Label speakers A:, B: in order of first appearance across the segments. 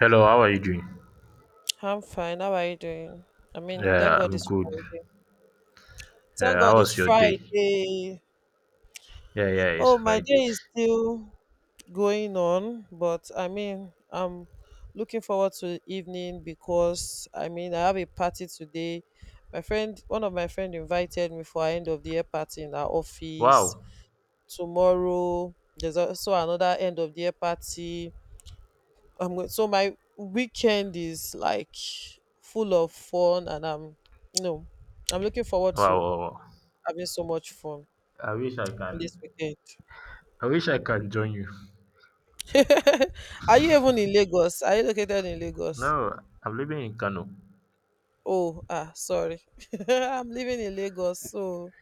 A: Hello, how are you doing?
B: I'm fine. How are you doing? I mean, thank
A: Yeah,
B: God
A: I'm
B: it's
A: good.
B: Friday. Thank
A: Yeah, how
B: God it's
A: was your day?
B: Friday.
A: Yeah, yeah, it's
B: Oh, my day
A: Friday.
B: is still going on, but I mean, I'm looking forward to the evening because I mean, I have a party today. One of my friend invited me for our end of the year party in our office
A: Wow.
B: tomorrow. There's also another end of the year party I'm going. So my weekend is like full of fun, and you know, I'm looking forward
A: Wow,
B: to
A: wow, wow.
B: having so much fun
A: I wish I can.
B: this weekend.
A: I wish I can join you.
B: Are you even in Lagos? Are you located in Lagos?
A: No, I'm living in Kano.
B: Oh, sorry. I'm living in Lagos, so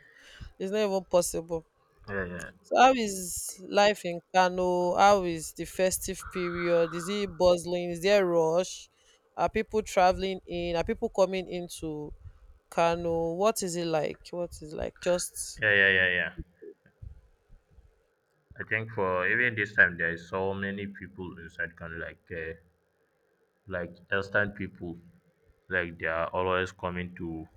B: it's not even possible.
A: Yeah, yeah.
B: So how is life in Kano? How is the festive period? Is it bustling? Is there rush? Are people traveling in? Are people coming into Kano? What is it like? Just
A: Yeah, yeah, yeah, yeah. I think for even this time there is so many people inside Kano, like Eastern people. Like they are always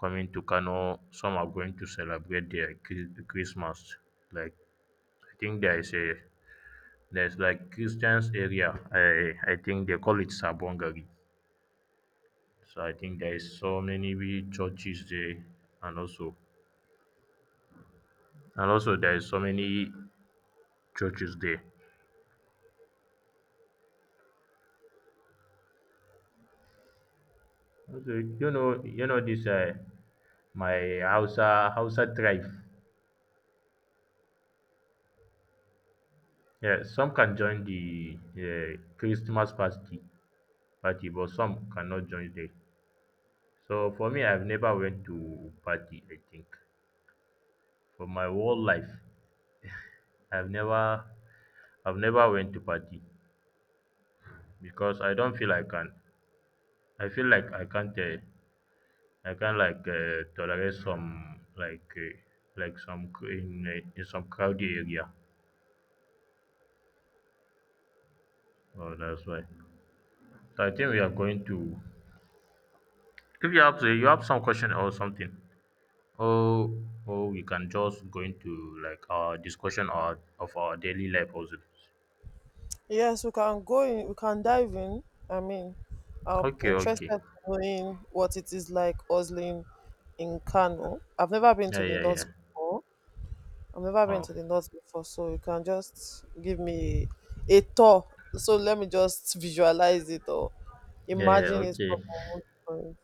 A: coming to Kano. Some are going to celebrate their Christmas. Like I think there is a There's like Christian's area. I think they call it Sabongari. So I think there is so many we churches there, and also there is so many churches there. Also, you know this my Hausa tribe. Yeah, some can join the Christmas party, but some cannot join there. So for me, I've never went to party. I think for my whole life, I've never I've never went to party. Because I don't feel I can. I feel like I can't. I can like tolerate some like some in some crowded area. Oh, that's why. So I think we are going to. If you have some question or something, or or we can just go into like our discussion or of our daily life also.
B: Yes, we can dive in. I mean, I'm
A: Okay,
B: interested
A: okay.
B: in knowing what it is like hustling in Kano. I've never been
A: Yeah,
B: to the
A: yeah, yeah.
B: north before. I've never been
A: Oh,
B: to the north before, so you can just give me a tour. So let me just visualize it or
A: yeah, yeah.
B: imagine it from
A: Okay,
B: my own point.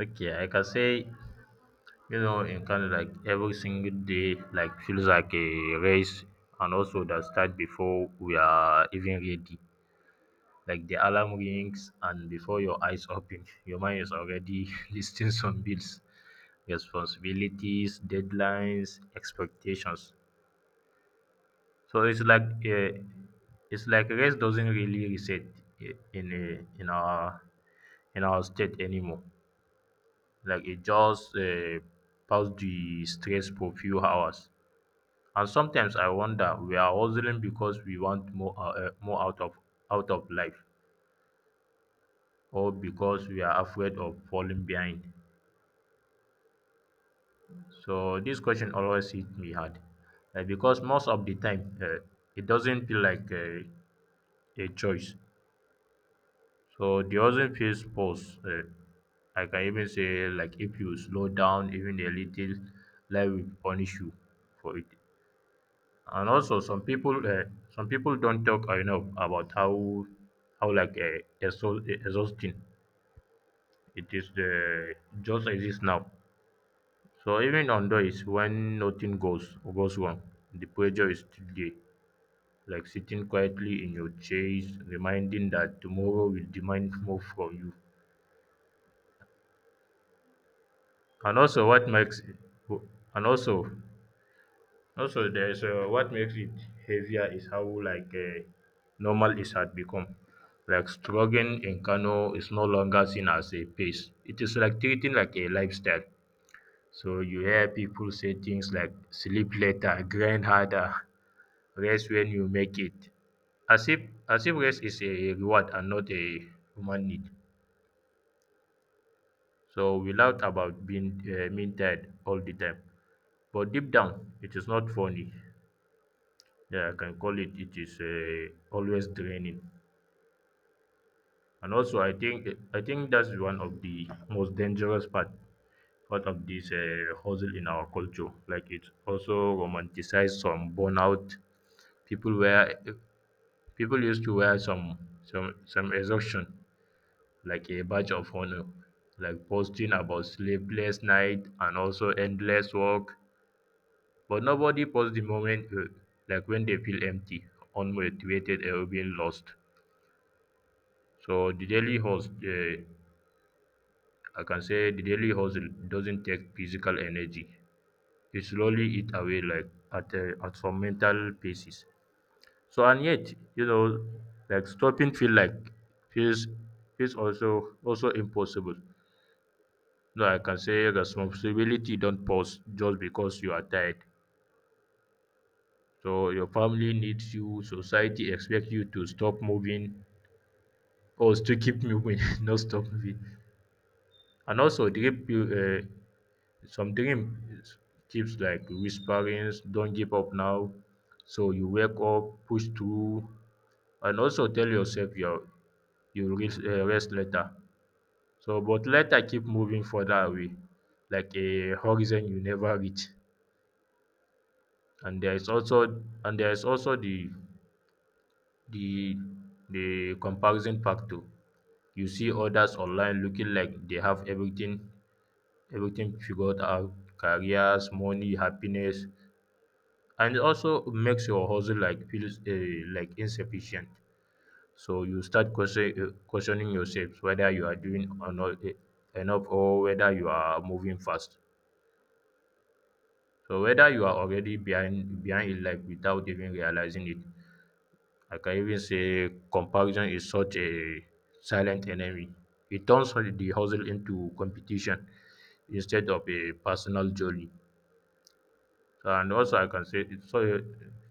A: okay. I can say you know, in Canada, like every single day, like feels like a race, and also that start before we are even ready. Like the alarm rings, and before your eyes open, your mind is already listing some bills, responsibilities, deadlines, expectations. So it's like race doesn't really reset i- in a, in our in our state anymore. Like it just pass the stress for few hours. And sometimes I wonder we are hustling because we want more more out of life or because we are afraid of falling behind. So this question always hit me hard because most of the time it doesn't feel like a choice. So the hustle feels forced. I can even say like if you slow down even a little, life will punish you for it. And also some people don't talk enough about how like exhausting it is the just exists now. So even on days when nothing goes wrong, the pressure is still there, like sitting quietly in your chair is reminding that tomorrow will demand more from you. And also and also Also, there's what makes it heavier is how like normal it had become. Like struggling in Kano is no longer seen as a pace. It is like treating like a lifestyle. So you hear people say things like sleep later, grind harder, rest when you make it. As if as if rest is a reward and not a human need. So we laugh about being mean tired all the time. But deep down, it is not funny. Yeah, I can call it. It is always draining, and also I think that's one of the most dangerous part of this hustle in our culture. Like it also romanticized some burnout. People wear People used to wear some some exhaustion like a badge of honor, like posting about sleepless night and also endless work. But nobody posts the moment like when they feel empty, unmotivated, or being lost. So the daily hustle, I can say the daily hustle doesn't take physical energy. It slowly eat away like at some mental pieces. So and yet, you know, like stopping feel like feels feels also also impossible. No, I can say responsibility don't pause just because you are tired. So your family needs you, society expects you to stop moving or to keep moving, not stop moving. And also, some dream tips like whisperings, don't give up now. So you wake up, push through, and also tell yourself you'll rest, rest later. So, but later keep moving further away, like a horizon you never reach. And there is also the the comparison factor. You see others online looking like they have everything everything figured out, careers, money, happiness, and it also makes your hustle like feels like insufficient. So you start questioning yourself whether you are doing or not enough or whether you are moving fast, so whether you are already behind in life without even realizing it. I can even say comparison is such a silent enemy. It turns the hustle into competition instead of a personal journey. So and also I can say it so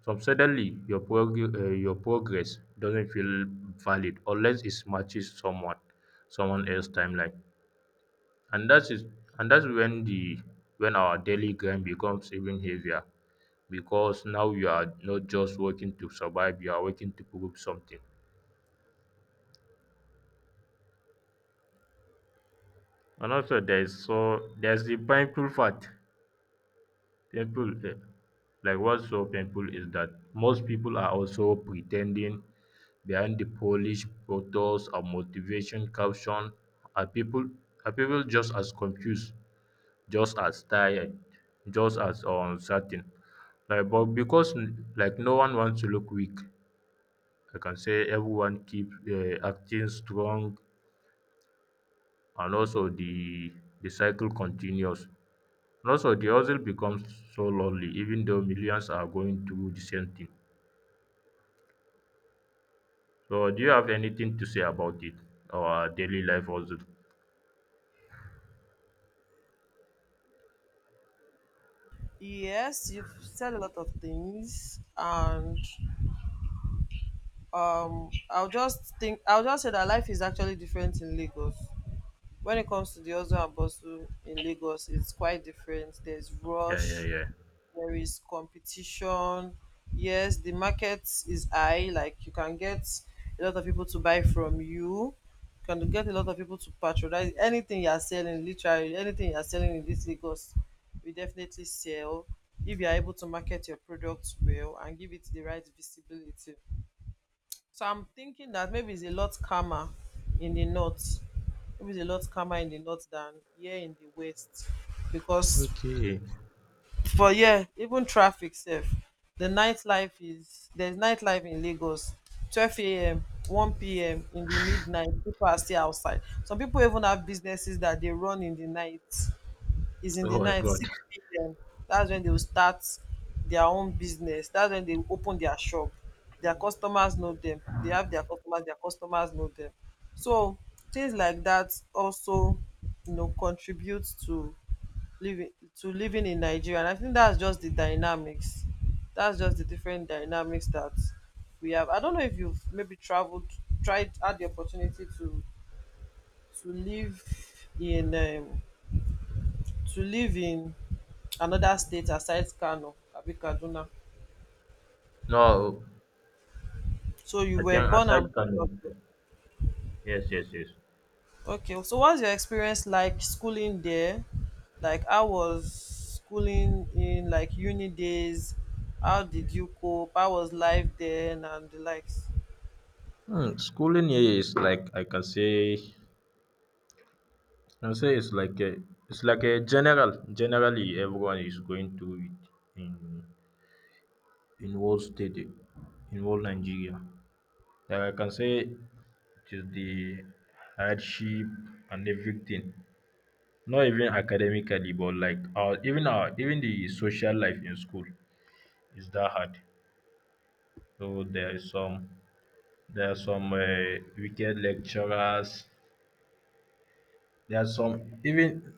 A: so suddenly your your progress doesn't feel valid unless it matches someone else's timeline. And that is and that's when the when our daily grind becomes even heavier, because now you are not just working to survive, you are working to prove something. And also there is so there's the painful part. Painful, eh, like what's so painful is that most people are also pretending. Behind the polished photos and motivation caption are people just as confused, just as tired, just as uncertain. Like, but because like no one wants to look weak, I can say everyone keeps acting strong, and also the cycle continues. And also, the hustle becomes so lonely, even though millions are going through the same thing. So, do you have anything to say about it? Our daily life hustle?
B: Yes, you've said a lot of things, and I'll just say that life is actually different in Lagos. When it comes to the hustle and bustle in Lagos, it's quite different. There's
A: Yeah, yeah,
B: rush,
A: yeah.
B: there is competition. Yes, the market is high. Like, you can get a lot of people to buy from you can get a lot of people to patronize anything you are selling. Literally anything you are selling in this Lagos, we definitely sell if you are able to market your products well and give it the right visibility. So I'm thinking that maybe it's a lot calmer in the north. Maybe it's a lot calmer in the north than here in the west. Because
A: Okay.
B: for here, even traffic safe. There's nightlife in Lagos. 12 a.m., 1 p.m. in the midnight, people are still outside. Some people even have businesses that they run in the night, is in
A: Oh
B: the
A: my
B: night
A: God.
B: 6 p.m. That's when they will start their own business. That's when they open their shop. Their customers know them. They have their customers. Their customers know them. So things like that also, contributes living to living in Nigeria. And I think that's just the dynamics. That's just the different dynamics that we have. I don't know if you've maybe traveled, tried, had the opportunity to live in um, to live in another state aside Kano, abi Kaduna.
A: No,
B: So you
A: I
B: were
A: think
B: born
A: aside
B: and brought up
A: from
B: there.
A: yes, yes, yes.
B: Okay, so what's your experience like schooling there? Like I was schooling in like uni days. How did you cope? How was life then and the likes?
A: Hmm, schooling here is like I can say can say it's like a it's like a general generally everyone is going through it in whole state in whole Nigeria. Like I can say it is the hardship and everything. Not even academically, but like our even the social life in school is that hard. So there is some there are some wicked lecturers. There are some even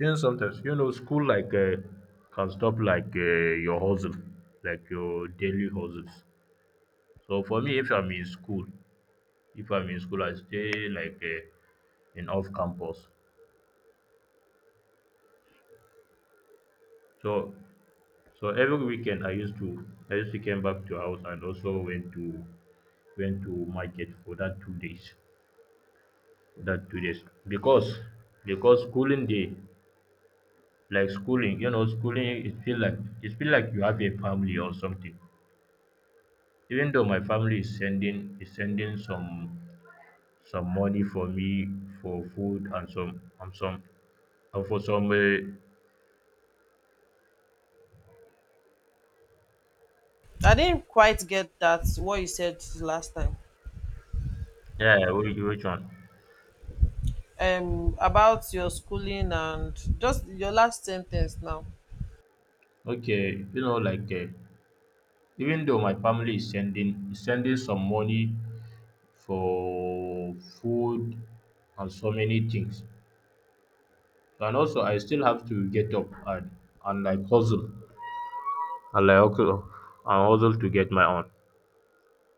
A: even sometimes you know school like can stop like your hustle, like your daily hustles. So for me, if I'm in school, I stay like in off campus. So so every weekend I used to came back to house and also went to market for that 2 days. That 2 days because schooling day like schooling you know schooling it feel like you have a family or something. Even though my family is sending some money for me for food and some and some and for some
B: I didn't quite get that what you said last time.
A: yeah yeah, which one.
B: About your schooling and just your last sentence now.
A: Okay, you know like even though my family is sending some money for food and so many things, and also I still have to get up and like hustle and like hustle and hustle to get my own,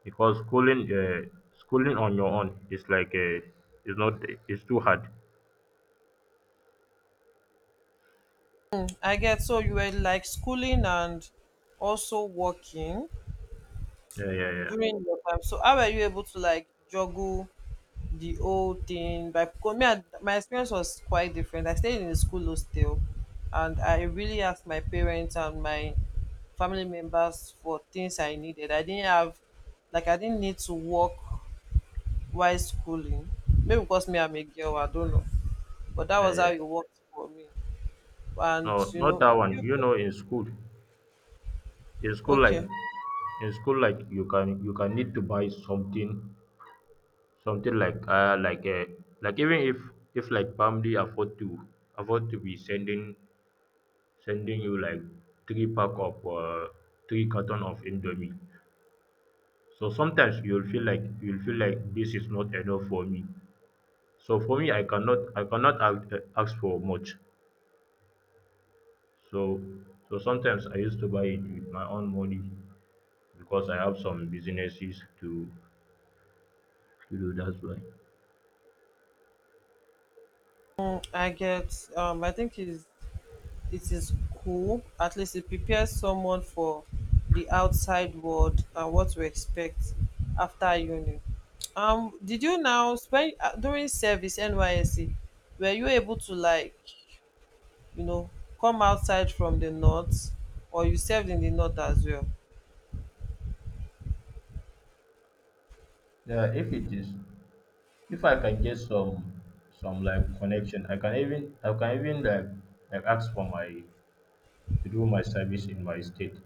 A: because schooling schooling on your own is like is not, it's too hard.
B: I get, so you were like schooling and also working
A: Yeah, yeah, yeah.
B: during your time. So how were you able to like juggle the whole thing? By Because me, my experience was quite different. I stayed in a school hostel, and I really asked my parents and my family members for things I needed. I didn't need to work while schooling. Maybe because me I'm a girl, I don't know. But that
A: Yeah,
B: was how
A: yeah.
B: it worked for me. And
A: No, not that one. You know, in school like
B: okay.
A: you can need to buy something something like like even if like family afford to afford to be sending sending you like three pack of uh three carton of indomie, so sometimes you'll feel like this is not enough for me. So for me I cannot ask, ask for much. So so sometimes I used to buy it with my own money, because I have some businesses to do, that's why.
B: Mm, I get. I think it is cool. At least it prepares someone for the outside world and what to expect after uni. Did you now spend during service NYSC? Were you able to like you know come outside from the north, or you served in the north as well?
A: Yeah, if it is if I can get some like connection I can even like ask for my to do my service in my state,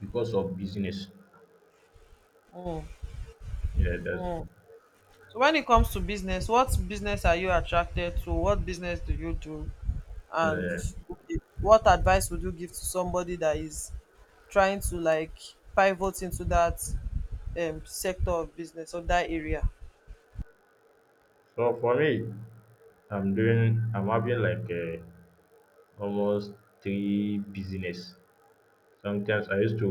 A: because of business.
B: Mm,
A: Yeah, that's
B: mm. So when it comes to business, what business are you attracted to? What business do you do? And
A: uh,
B: okay, what advice would you give to somebody that is trying to like pivot into that sector of business or that area?
A: so for me I'm doing I'm having like almost three business. Sometimes I used to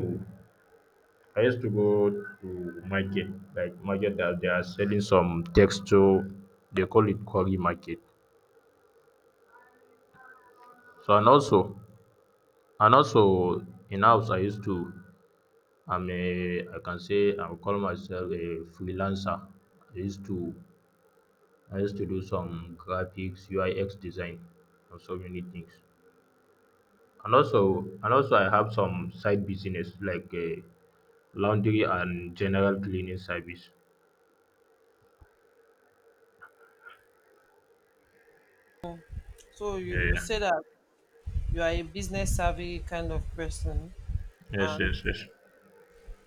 A: go to market like market that they are selling some textile. They call it curry market. So and also in house I used to I'm a, I can say I would call myself a freelancer. I used to do some graphics, UIX design, and so many things. And also, I have some side business like laundry and general cleaning service.
B: So you
A: Yeah.
B: say that you are a business savvy kind of person,
A: Yes.
B: and
A: Yes. Yes.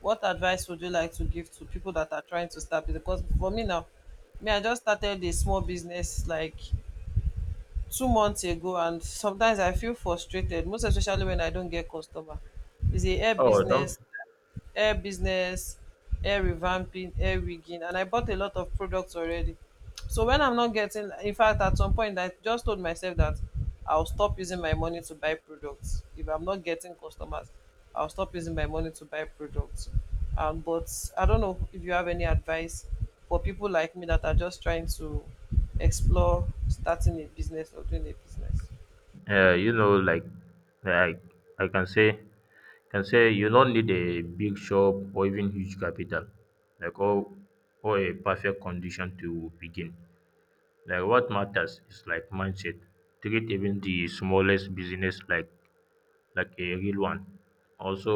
B: what advice would you like to give to people that are trying to start business? Because for me now, me I just started a small business like 2 months ago, and sometimes I feel frustrated, most especially when I don't get customer. It's a hair
A: Oh, don't.
B: business hair business, hair revamping, hair rigging, and I bought a lot of products already. So when I'm not getting, in fact, at some point, I just told myself that I'll stop using my money to buy products. If I'm not getting customers, I'll stop using my money to buy products. But I don't know if you have any advice for people like me that are just trying to explore starting a business or doing a business.
A: You know, like I can say, you don't need a big shop or even huge capital, like or a perfect condition to begin. Like what matters is like mindset. Treat even the smallest business like a real one. Also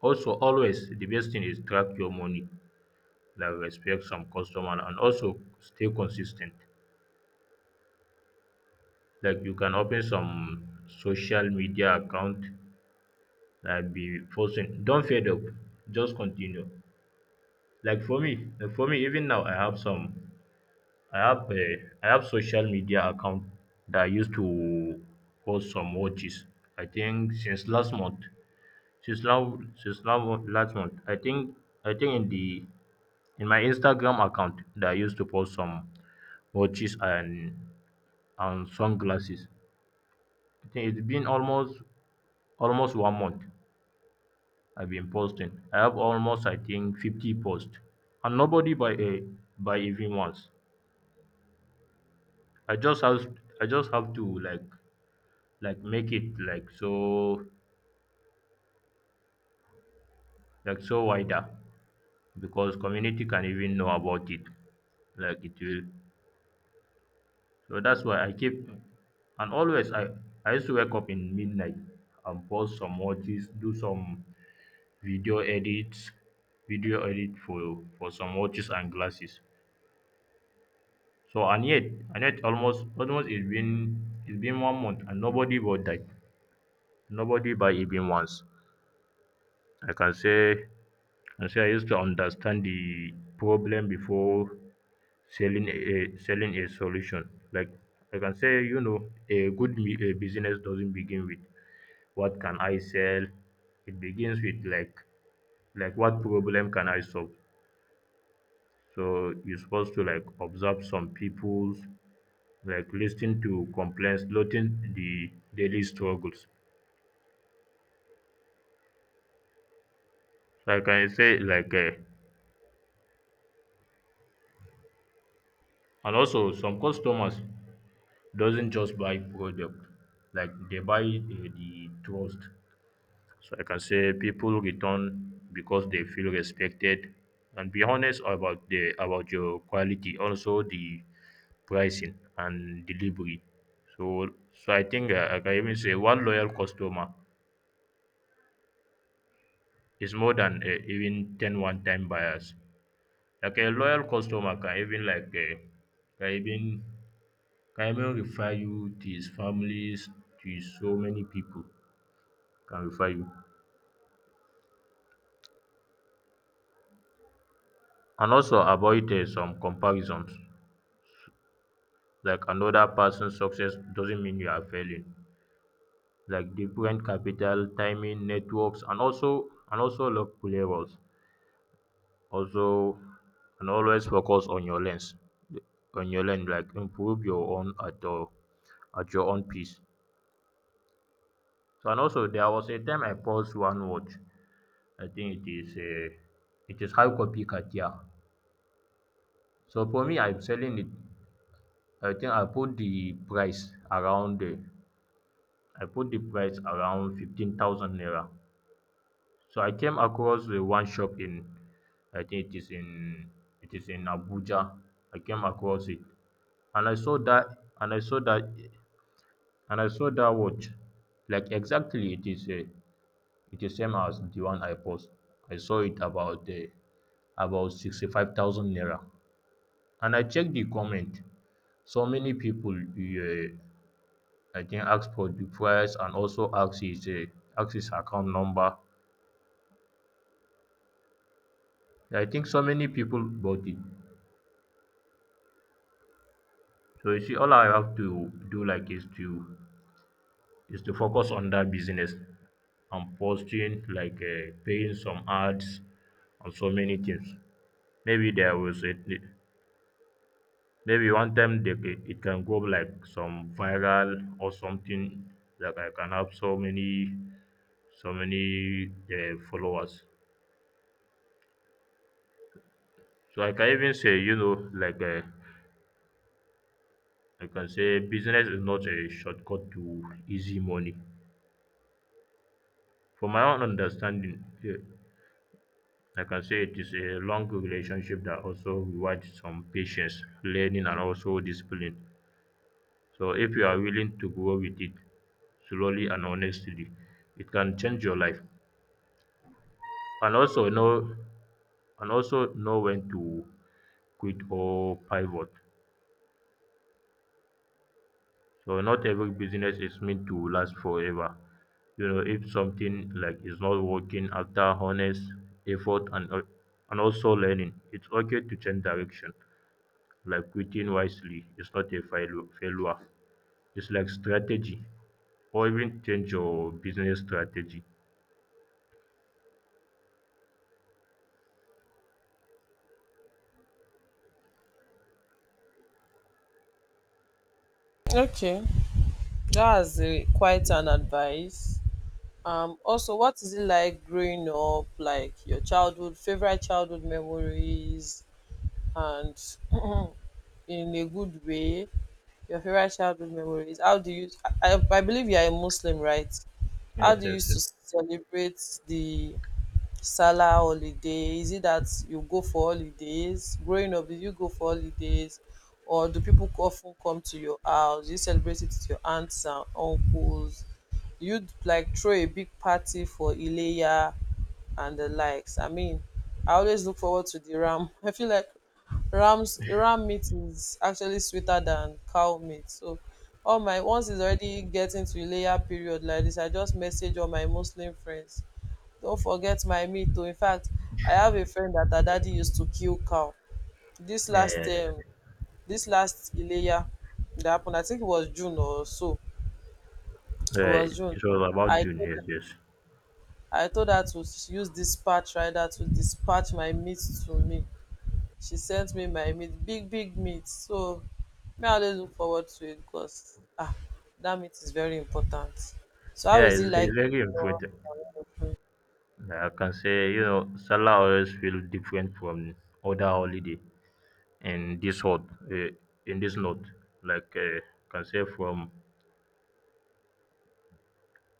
A: also always the best thing is track your money, like respect some customer and also stay consistent. Like you can open some social media account, like be posting. Don't fade up. Just continue. Like for me, even now, I have a I have social media account that I used to post some watches. I think since now, last month. I think in my Instagram account that I used to post some watches and sunglasses. I think it's been almost 1 month I've been posting. I have almost, I think, 50 posts, and nobody buy a buy even once. I just have I just have to like make it like so wider, because community can even know about it, like it will. So that's why I keep, and always I used to wake up in midnight and post some watches, do some video edits video edit for some watches and glasses. So, and yet almost it's been 1 month and nobody bought that, nobody buy even once, I can say. And so I used to understand the problem before selling a solution. Like, I can say, a business doesn't begin with what can I sell. It begins with like what problem can I solve. So you're supposed to like observe some people's, like listening to complaints, noting the daily struggles. So I can say, like, and also some customers doesn't just buy product, like they buy, the trust. So I can say people return because they feel respected, and be honest about the about your quality, also the pricing and delivery. So so I think, I can even say one loyal customer is more than, even ten one time buyers. Like a loyal customer can even, like can even can even refer you to his families, to so many people can refer you. And also avoid, some comparisons. Like another person's success doesn't mean you are failing. Like different capital, timing, networks, and also local levels. Also, and always focus on your lens, on your lens. Like improve your own at your own pace. So, and also there was a time I paused one watch. I think it is high copy Katia. So for me, I'm selling it, I think I put the price around I put the price around 15,000 naira. So I came across the one shop in, I think it is in Abuja. I came across it, and I saw that and I saw that and I saw that watch. Like exactly, it is same as the one I post. I saw it about, about 65,000 naira. And I checked the comment. So many people, I think, ask for the price, and also ask his account number. I think so many people bought it. So you see, all I have to do, like, is to focus on that business, and posting, paying some ads and so many things. Maybe there was a maybe one time, they, it can go like some viral or something, that I can have so many followers. So I can even say, I can say business is not a shortcut to easy money. From my own understanding, I can say it is a long relationship that also rewards some patience, learning, and also discipline. So if you are willing to grow with it slowly and honestly, it can change your life. And also know, and also know when to quit or pivot. So not every business is meant to last forever. You know, if something, like, is not working after honest effort, and also learning, it's okay to change direction. Like quitting wisely is not a failure. It's like strategy, or even change your business strategy.
B: Okay. That's quite an advice. Also, what is it like growing up? Like your childhood, favorite childhood memories, and in a good way, your favorite childhood memories. How do you I believe you are a Muslim, right? How
A: Yes,
B: do you
A: yes,
B: used
A: yes.
B: to celebrate the Salah holiday? Is it that you go for holidays? Growing up, did you go for holidays? Or do people often come to your house? Do you celebrate it with your aunts and uncles? You'd like throw a big party for Ileya and the likes. I mean, I always look forward to the ram. I feel like ram meat is actually sweeter than cow meat. So all my once it's already getting to layer period like this, I just message all my Muslim friends. Don't forget my meat too. In fact, I have a friend that her daddy used to kill cow. This
A: Yeah, yeah,
B: last
A: yeah.
B: um this last Ileya that happened, I think it was June or so. It
A: Yeah,
B: was June.
A: it was about
B: I
A: you.
B: told
A: Yes, yes.
B: I told her to use dispatch rider to dispatch my meat to me. She sent me my meat, big big meat. So me, I always look forward to it because that meat is very important. So how
A: Yeah,
B: is
A: it's,
B: it like
A: it's very
B: your-
A: important.
B: Mm.
A: Like, I can say, you know, Salah always feel different from other holiday. In this hot, uh, in this note like can say, from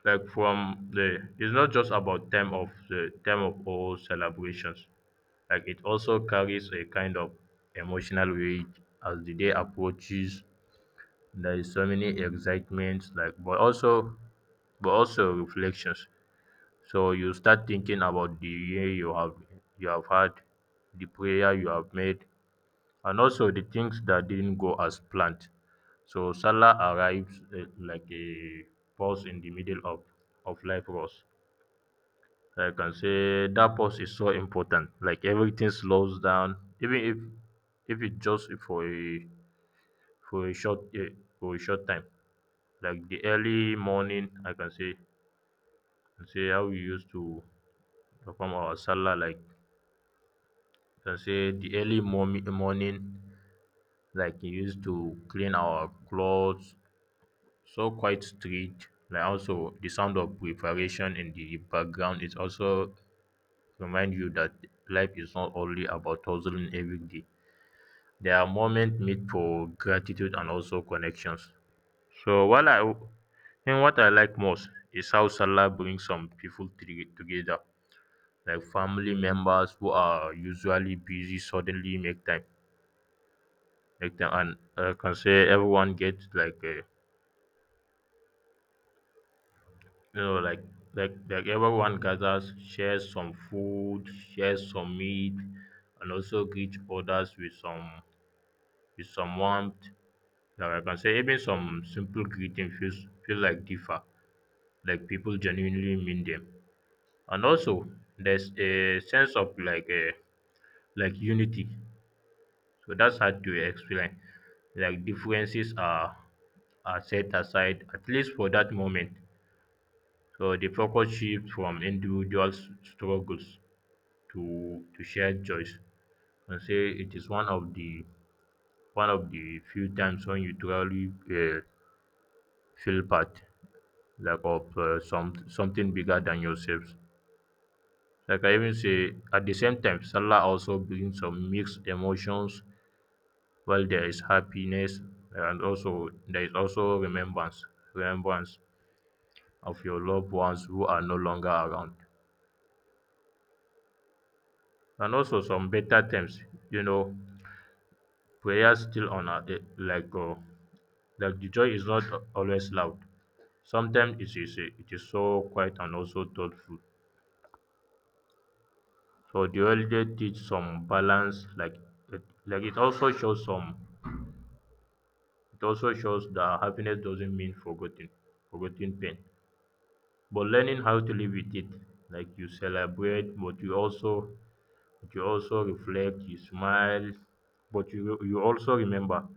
A: like from the it's not just about time of all celebrations. Like, it also carries a kind of emotional weight. As the day approaches, there is so many excitements, like, but also reflections. So you start thinking about the year you have had, the prayer you have made, and also the things that didn't go as planned. So Salah arrives, like a pause in the middle of life rush. I can say that pause is so important. Like everything slows down, even if it just for a for a short uh, short time. Like the early morning, I can say how we used to perform our salah. Like, I can say the early morning, like we used to clean our clothes, so quiet street, like also the sound of preparation in the background is also remind you that life is not only about hustling every day. There are moments made for gratitude and also connections. So, while I and what I like most is how Salah brings some people together. Like family members who are usually busy suddenly make time, and I can say, everyone gets like a you know like everyone gathers, shares some food, shares some meat, and also greet others with some warmth. Like, I can say even some simple greeting feels feel like differ, like people genuinely mean them. And also there's a sense of, like unity, so that's hard to explain. Like differences are set aside, at least for that moment. So the focus shifts from individual struggles to shared joys. I say it is one of the few times when you truly, feel part, like, of something bigger than yourselves. Like, I even say, at the same time, Salah also brings some mixed emotions. While there is happiness, and also there is also remembrance of your loved ones who are no longer around, and also some better times. You know, prayer still on a, like. That the joy is not always loud. Sometimes it is so quiet and also thoughtful. So the holiday teach some balance. It, like it also shows some it also shows that happiness doesn't mean forgetting pain, but learning how to live with it. Like you celebrate, but you also reflect, you smile, but you also remember.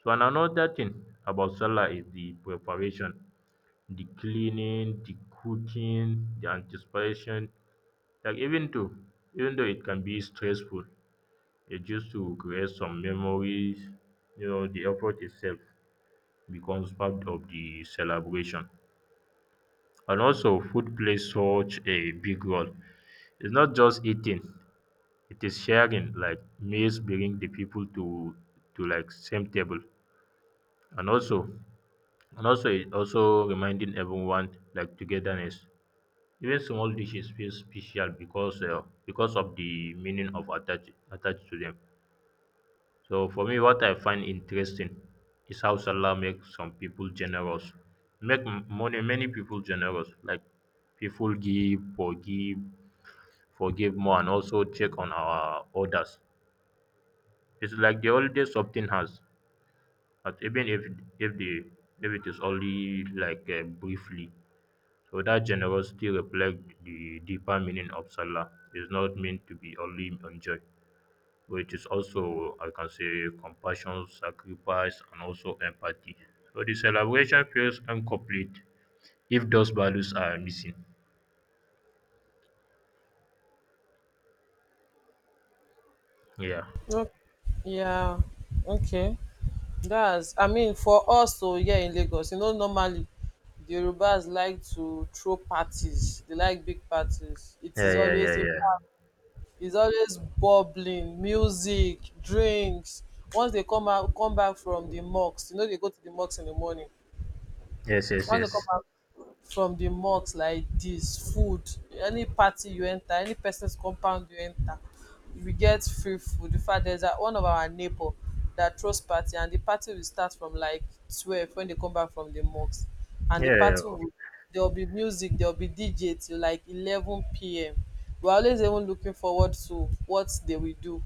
A: So, and another thing about Salah is the preparation, the cleaning, the cooking, the anticipation. Like, even though it can be stressful, it just to create some memories. You know, the effort itself becomes part of the celebration. And also food plays such a big role. It's not just eating, it is sharing. Like meals bring the people to like same table. And also and also it also reminding everyone like togetherness. Even small dishes feel special because, because of the meaning of attached to them. So for me, what I find interesting is how Salah makes some people generous, make m- money many people generous. Like people give, forgive more, and also check on our orders. It's like the holiday something has, but even if the if it is only, briefly. So that generosity reflects the deeper meaning of Salah. It's not meant to be only on joy, but it is also, I can say, compassion, sacrifice, and also empathy. So the celebration feels incomplete if those values are missing. Yeah.
B: ok- yeah, okay. That's, I mean, for us to, here in Lagos, normally the Yorubas like to throw parties. They like big parties. It
A: Yeah,
B: is
A: yeah, yeah,
B: always, in
A: yeah.
B: fact, it's always bubbling music, drinks. Once they come back from the mosque, they go to the mosque in the morning.
A: Yes, yes,
B: Once they come
A: yes.
B: out from the mosque like this, food, any party you enter, any person's compound you enter, we get free food. In fact, one of our neighbor that throws party, and the party will start from like 12 when they come back from the mosque. And
A: Yeah,
B: the
A: yeah,
B: party will, there'll be music, there'll be DJ till like 11 p.m. We're always even looking forward to what they will do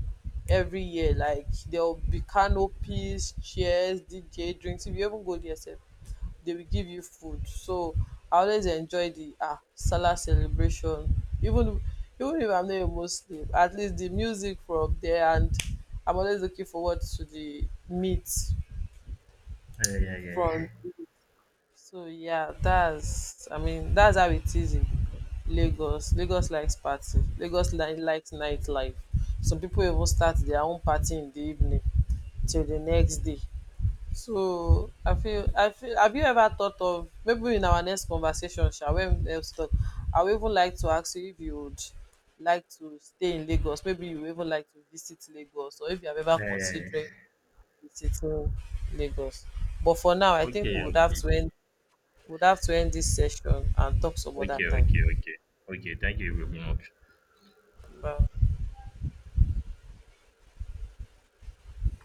B: every year. Like there'll be canopies, chairs, DJ, drinks. If you even go there, sef, they will give you food. So I always enjoy the Salah celebration. Even even if I'm not a Muslim, at least the music from there, and I'm always looking forward to the meat
A: yeah, yeah, yeah. Yeah, yeah.
B: from so yeah, that's I mean, that's how it is in Lagos. Lagos likes party. Lagos likes nightlife. Some people even start their own party in the evening till the next day. So I feel have you ever thought of maybe in our next conversation, shall we let's talk? I would even like to ask you if you would like to stay in Lagos. Maybe you would even like to visit Lagos or if you have ever
A: Yeah. Yeah,
B: considered
A: yeah.
B: visiting Lagos. But for now, I think
A: Okay,
B: we would have
A: okay,
B: to end we would have to end this session and talk some other
A: okay,
B: time.
A: okay, okay. Okay, thank you very much.
B: Bye.